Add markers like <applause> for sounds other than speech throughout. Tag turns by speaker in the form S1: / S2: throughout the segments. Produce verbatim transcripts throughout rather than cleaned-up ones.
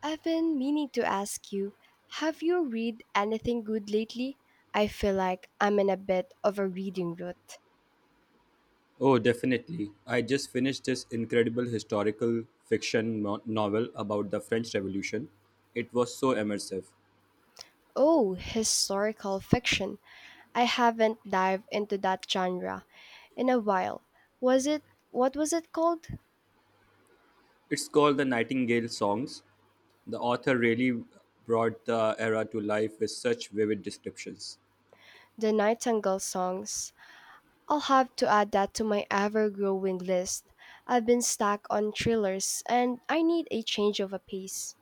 S1: I've been meaning to ask you, have you read anything good lately? I feel like I'm in a bit of a reading rut.
S2: Oh, definitely. I just finished this incredible historical fiction no- novel about the French Revolution. It was so immersive.
S1: Oh, historical fiction. I haven't dived into that genre in a while. Was it What was it called?
S2: It's called The Nightingale Songs. The author really brought the era to life with such vivid descriptions.
S1: The Nightingale Songs. I'll have to add that to my ever-growing list. I've been stuck on thrillers and I need a change of a pace.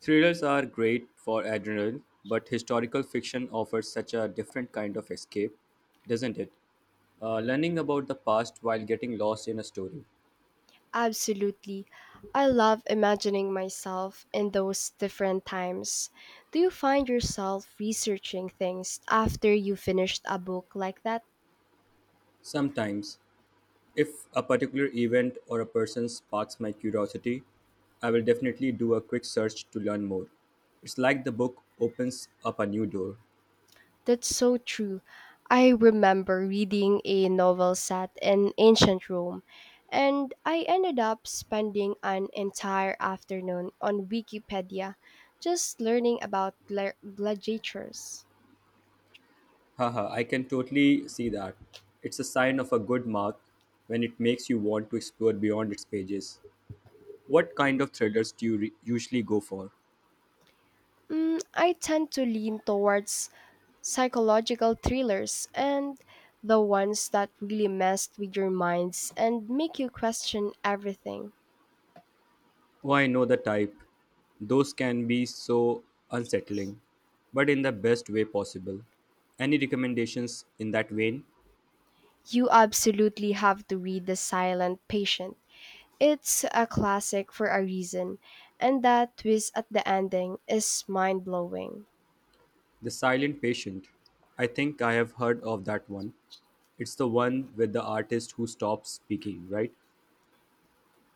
S2: Thrillers are great for adrenaline, but historical fiction offers such a different kind of escape, doesn't it? Uh, learning about the past while getting lost in a story.
S1: Absolutely. I love imagining myself in those different times. Do you find yourself researching things after you finished a book like that?
S2: Sometimes if a particular event or a person sparks my curiosity, I will definitely do a quick search to learn more. It's like the book opens up a new door.
S1: That's so true. I remember reading a novel set in ancient Rome, and I ended up spending an entire afternoon on Wikipedia just learning about gla- gladiators.
S2: Haha, I can totally see that. It's a sign of a good mark when it makes you want to explore beyond its pages. What kind of thrillers do you re- usually go for?
S1: Mm, I tend to lean towards psychological thrillers, and the ones that really mess with your minds and make you question everything.
S2: Oh, I know the type. Those can be so unsettling, but in the best way possible. Any recommendations in that vein?
S1: You absolutely have to read The Silent Patient. It's a classic for a reason, and that twist at the ending is mind blowing.
S2: The Silent Patient. I think I have heard of that one. It's the one with the artist who stops speaking, right?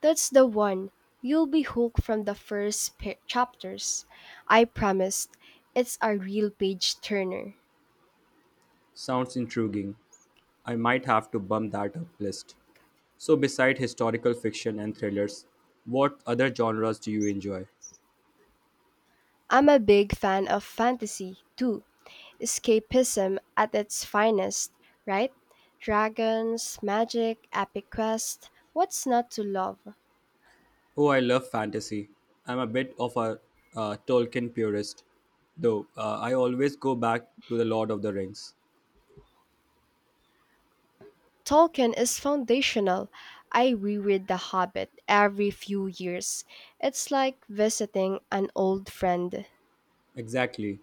S1: That's the one. You'll be hooked from the first pa- chapters. I promised. It's a real page turner.
S2: Sounds intriguing. I might have to bump that up list. So, beside historical fiction and thrillers, what other genres do you enjoy?
S1: I'm a big fan of fantasy, too. Escapism at its finest, right? Dragons, magic, epic quest. What's not to love?
S2: Oh, I love fantasy. I'm a bit of a uh, Tolkien purist, though uh, I always go back to The Lord of the Rings.
S1: Tolkien is foundational. I reread The Hobbit every few years. It's like visiting an old friend.
S2: Exactly.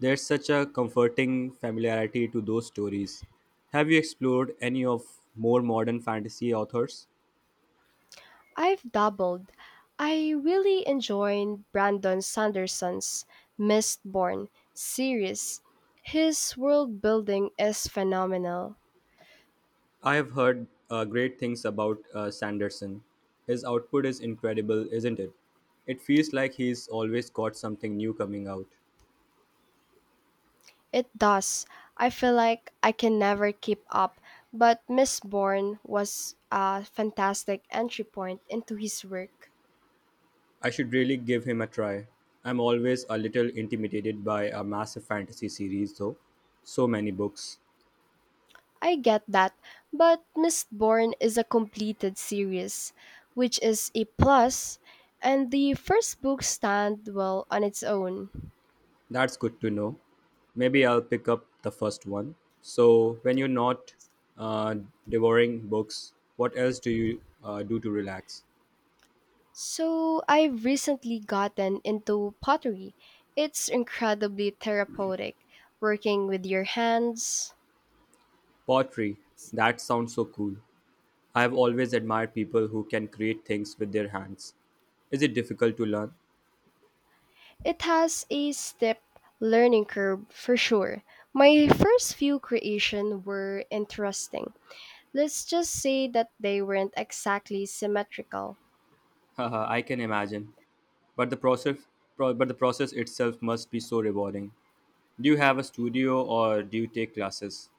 S2: There's such a comforting familiarity to those stories. Have you explored any of more modern fantasy authors?
S1: I've doubled. I really enjoyed Brandon Sanderson's Mistborn series. His world building is phenomenal.
S2: I have heard uh, great things about uh, Sanderson. His output is incredible, isn't it? It feels like he's always got something new coming out.
S1: It does. I feel like I can never keep up, but Miss Bourne was a fantastic entry point into his work.
S2: I should really give him a try. I'm always a little intimidated by a massive fantasy series, though. So many books.
S1: I get that, but Miss Bourne is a completed series, which is a plus, and the first book stand well on its own.
S2: That's good to know. Maybe I'll pick up the first one. So, when you're not uh, devouring books, what else do you uh, do to relax?
S1: So I've recently gotten into pottery. It's incredibly therapeutic, working with your hands.
S2: Pottery. That sounds so cool. I've always admired people who can create things with their hands. Is it difficult to learn?
S1: It has a steep learning curve for sure. My first few creations were interesting. Let's just say that they weren't exactly symmetrical.
S2: <laughs> Haha, I can imagine. But the process, pro- but the process itself must be so rewarding. Do you have a studio or do you take classes?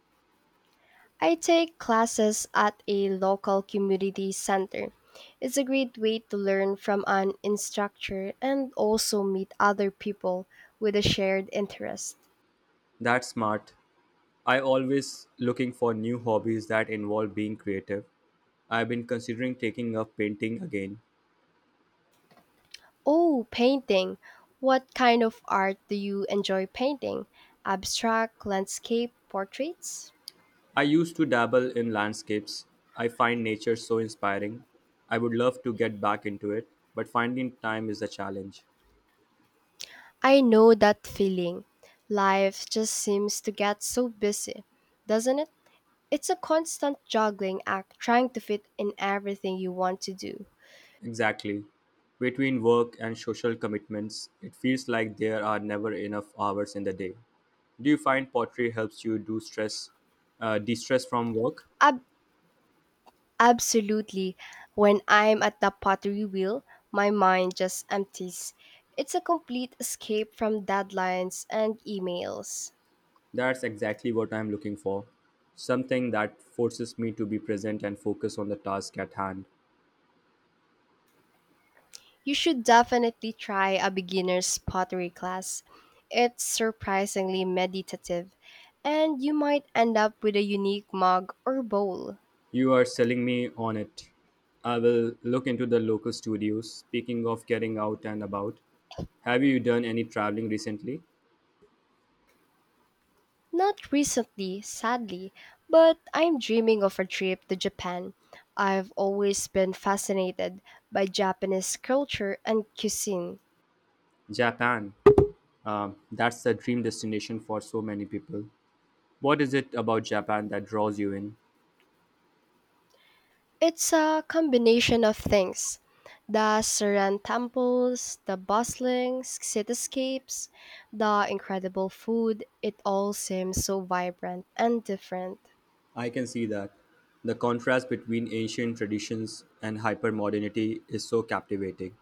S1: I take classes at a local community center. It's a great way to learn from an instructor and also meet other people with a shared interest.
S2: That's smart. I always looking for new hobbies that involve being creative. I've been considering taking up painting again.
S1: Oh, painting. What kind of art do you enjoy painting? Abstract, landscape, portraits?
S2: I used to dabble in landscapes. I find nature so inspiring. I would love to get back into it, but finding time is a challenge.
S1: I know that feeling. Life just seems to get so busy, doesn't it? It's a constant juggling act trying to fit in everything you want to do.
S2: Exactly. Between work and social commitments, it feels like there are never enough hours in the day. Do you find pottery helps you do stress, uh, de-stress from work?
S1: Ab- absolutely. When I'm at the pottery wheel, my mind just empties. It's a complete escape from deadlines and emails.
S2: That's exactly what I'm looking for. Something that forces me to be present and focus on the task at hand.
S1: You should definitely try a beginner's pottery class. It's surprisingly meditative, and you might end up with a unique mug or bowl.
S2: You are selling me on it. I will look into the local studios. Speaking of getting out and about, have you done any traveling recently?
S1: Not recently, sadly, but I'm dreaming of a trip to Japan. I've always been fascinated by Japanese culture and cuisine.
S2: Japan. Um, that's the dream destination for so many people. What is it about Japan that draws you in?
S1: It's a combination of things. The Saran temples, the bustling cityscapes, the incredible food, it all seems so vibrant and different.
S2: I can see that. The contrast between ancient traditions and hypermodernity is so captivating.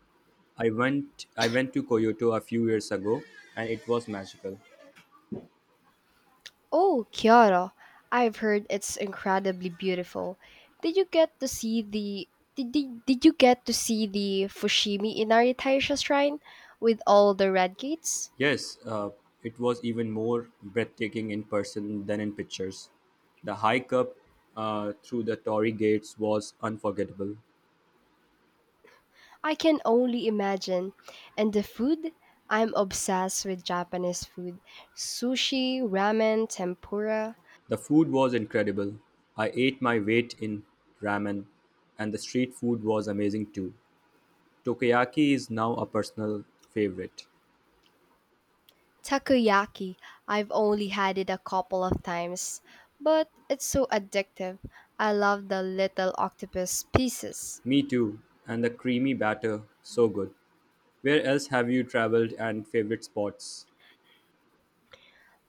S2: I went I went to Kyoto a few years ago and it was magical.
S1: Oh, Kyoto. I've heard it's incredibly beautiful. Did you get to see the did, did, did you get to see the Fushimi Inari Taisha shrine with all the red gates?
S2: Yes, uh, it was even more breathtaking in person than in pictures. The hike up uh, through the Torii gates was unforgettable.
S1: I can only imagine. And the food? I'm obsessed with Japanese food. Sushi, ramen, tempura,
S2: The food was incredible. I ate my weight in ramen and the street food was amazing too. Takoyaki is now a personal favorite.
S1: takoyaki. I've only had it a couple of times, but it's so addictive. I love the little octopus pieces.
S2: Me too, and the creamy batter, so good. Where else have you traveled and favorite spots?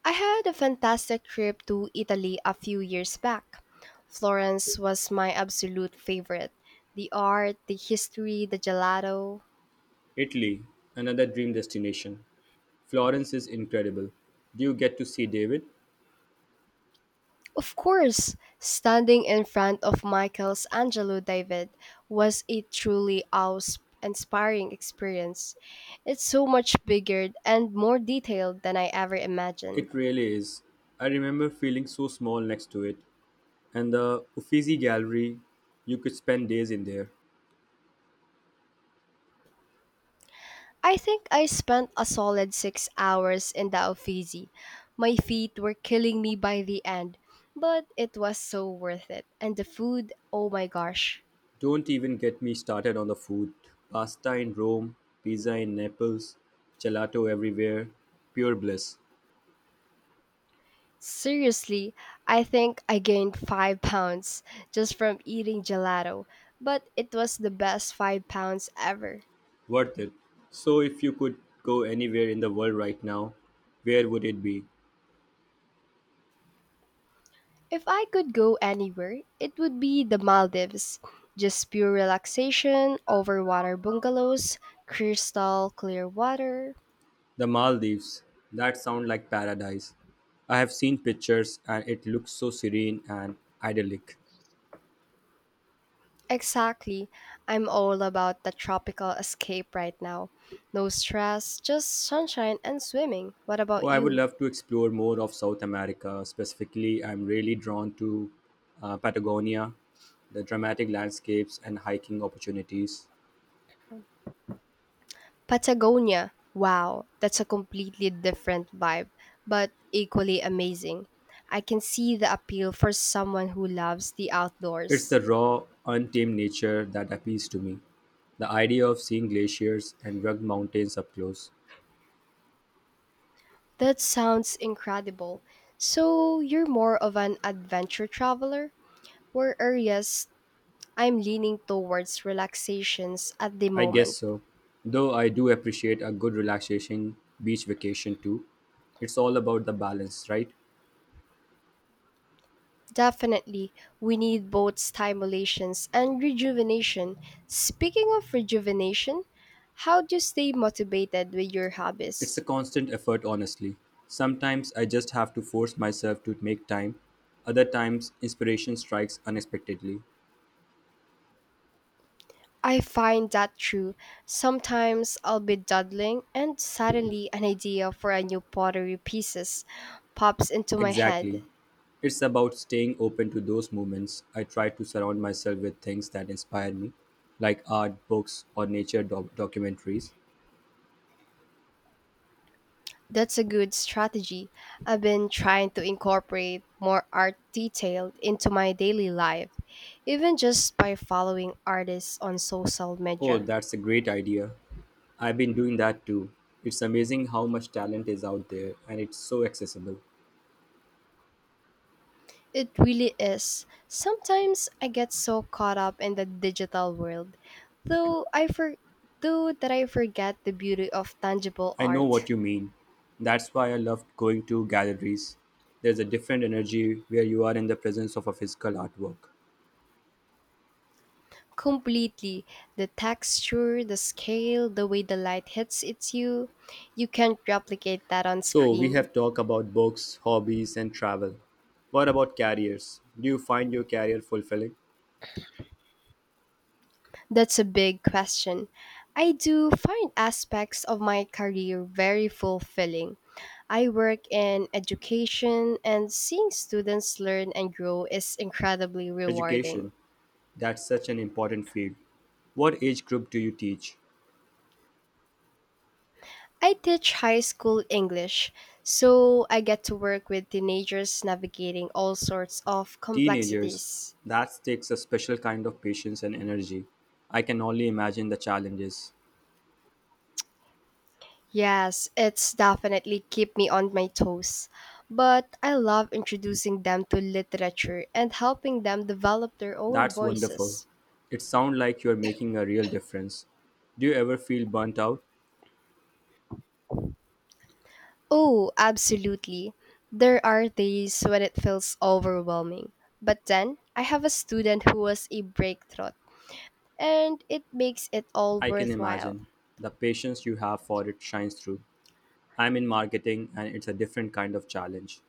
S1: I had a fantastic trip to Italy a few years back. Florence was my absolute favorite. The art, the history, the gelato.
S2: Italy, another dream destination. Florence is incredible. Do you get to see David?
S1: Of course, standing in front of Michael's Angelo David was a truly awe inspiring experience. It's so much bigger and more detailed than I ever
S2: It
S1: imagined.
S2: really is. I remember feeling so small next to it. And the Uffizi Gallery, you could spend days in there.
S1: I think I spent a solid six hours in the Uffizi. My feet were killing me by the end, but it was so worth it. And the food, oh my gosh.
S2: Don't even get me started on the food. Pasta in Rome, pizza in Naples, gelato everywhere. Pure bliss.
S1: Seriously, I think I gained five pounds just from eating gelato, but it was the best five pounds ever.
S2: Worth it. So, if you could go anywhere in the world right now, where would it be?
S1: If I could go anywhere, it would be the Maldives. Just pure relaxation, over water bungalows, crystal clear water.
S2: The Maldives. That sounds like paradise. I have seen pictures and it looks so serene and idyllic.
S1: Exactly. I'm all about the tropical escape right now. No stress, just sunshine and swimming. What
S2: Oh,
S1: about
S2: I would
S1: you?
S2: love to explore more of South America. Specifically, I'm really drawn to uh, Patagonia, the dramatic landscapes and hiking opportunities.
S1: Patagonia. Wow, that's a completely different vibe, but equally amazing. I can see the appeal for someone who loves the
S2: It's
S1: outdoors.
S2: the raw, untamed nature that appeals to me. The idea of seeing glaciers and rugged mountains up close.
S1: That sounds incredible. So, you're more of an adventure traveler? Where areas I'm leaning towards relaxations at the
S2: I
S1: moment.
S2: guess so. Though I do appreciate a good relaxation beach vacation too. It's all about the balance, right?
S1: Definitely, we need both stimulations and rejuvenation. Speaking of rejuvenation, how do you stay motivated with your
S2: It's a
S1: hobbies?
S2: constant effort, honestly. Sometimes I just have to force myself to make time. Other times, inspiration strikes unexpectedly.
S1: I find that true. Sometimes I'll be dawdling and suddenly an idea for a new pottery pieces pops into my
S2: Exactly.
S1: head.
S2: It's about staying open to those moments. I try to surround myself with things that inspire me, like art, books, or nature doc- documentaries.
S1: That's a good strategy. I've been trying to incorporate more art detail into my daily life, even just by following artists on social
S2: Oh,
S1: media.
S2: that's a great idea. I've been doing that too. It's amazing how much talent is out there and it's so accessible.
S1: It really is. Sometimes I get so caught up in the digital world, though I for- though that I forget the beauty of tangible
S2: I know what
S1: art.
S2: you mean. That's why I love going to galleries. There's a different energy where you are in the presence of a physical artwork.
S1: Completely. The texture, the scale, the way the light hits it's you, you can't replicate that on
S2: So, we
S1: screen.
S2: have talked about books, hobbies, and travel. What about careers? Do you find your career fulfilling?
S1: That's a big question. I do find aspects of my career very fulfilling. I work in education, and seeing students learn and grow is incredibly
S2: Education,
S1: rewarding.
S2: that's such an important field. What age group do you teach?
S1: I teach high school English, so I get to work with teenagers navigating all sorts of
S2: Teenagers,
S1: complexities.
S2: that takes a special kind of patience and energy. I can only imagine the challenges.
S1: Yes, it's definitely keep me on my toes. But I love introducing them to literature and helping them develop their own
S2: That's wonderful.
S1: voices.
S2: It sounds like you're making a real difference. Do you ever feel burnt out?
S1: Oh, absolutely. There are days when it feels overwhelming. But then I have a student who was a breakthrough, and it makes it all
S2: I can
S1: worthwhile.
S2: imagine. The patience you have for it shines through. I'm in marketing and it's a different kind of challenge.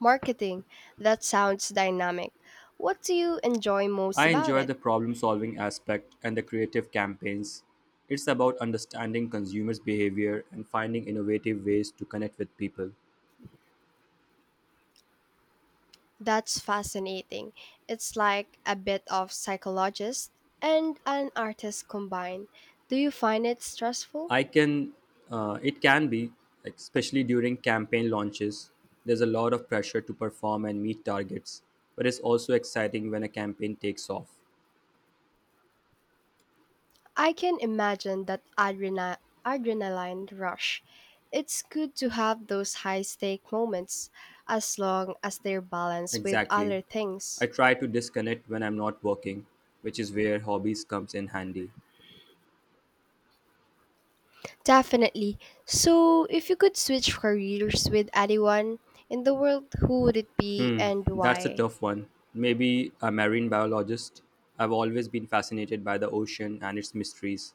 S1: Marketing, that sounds dynamic. What do you enjoy most
S2: I
S1: about
S2: enjoy
S1: it?
S2: the problem solving aspect and the creative campaigns. It's about understanding consumers' behavior and finding innovative ways to connect with people.
S1: That's fascinating. It's like a bit of psychologist and an artist combined. Do you find it stressful?
S2: I can, uh, it can be, like, especially during campaign launches. There's a lot of pressure to perform and meet targets, but it's also exciting when a campaign takes off.
S1: I can imagine that adrena- adrenaline rush. It's good to have those high stake moments as long as they're balanced with
S2: Exactly.
S1: other
S2: I
S1: things.
S2: try to disconnect when I'm not working, which is where hobbies comes in handy.
S1: Definitely. So, if you could switch careers with anyone in the world, who would it be
S2: Hmm,
S1: and
S2: that's a
S1: why?
S2: tough one. Maybe a marine biologist. I've always been fascinated by the ocean and its mysteries.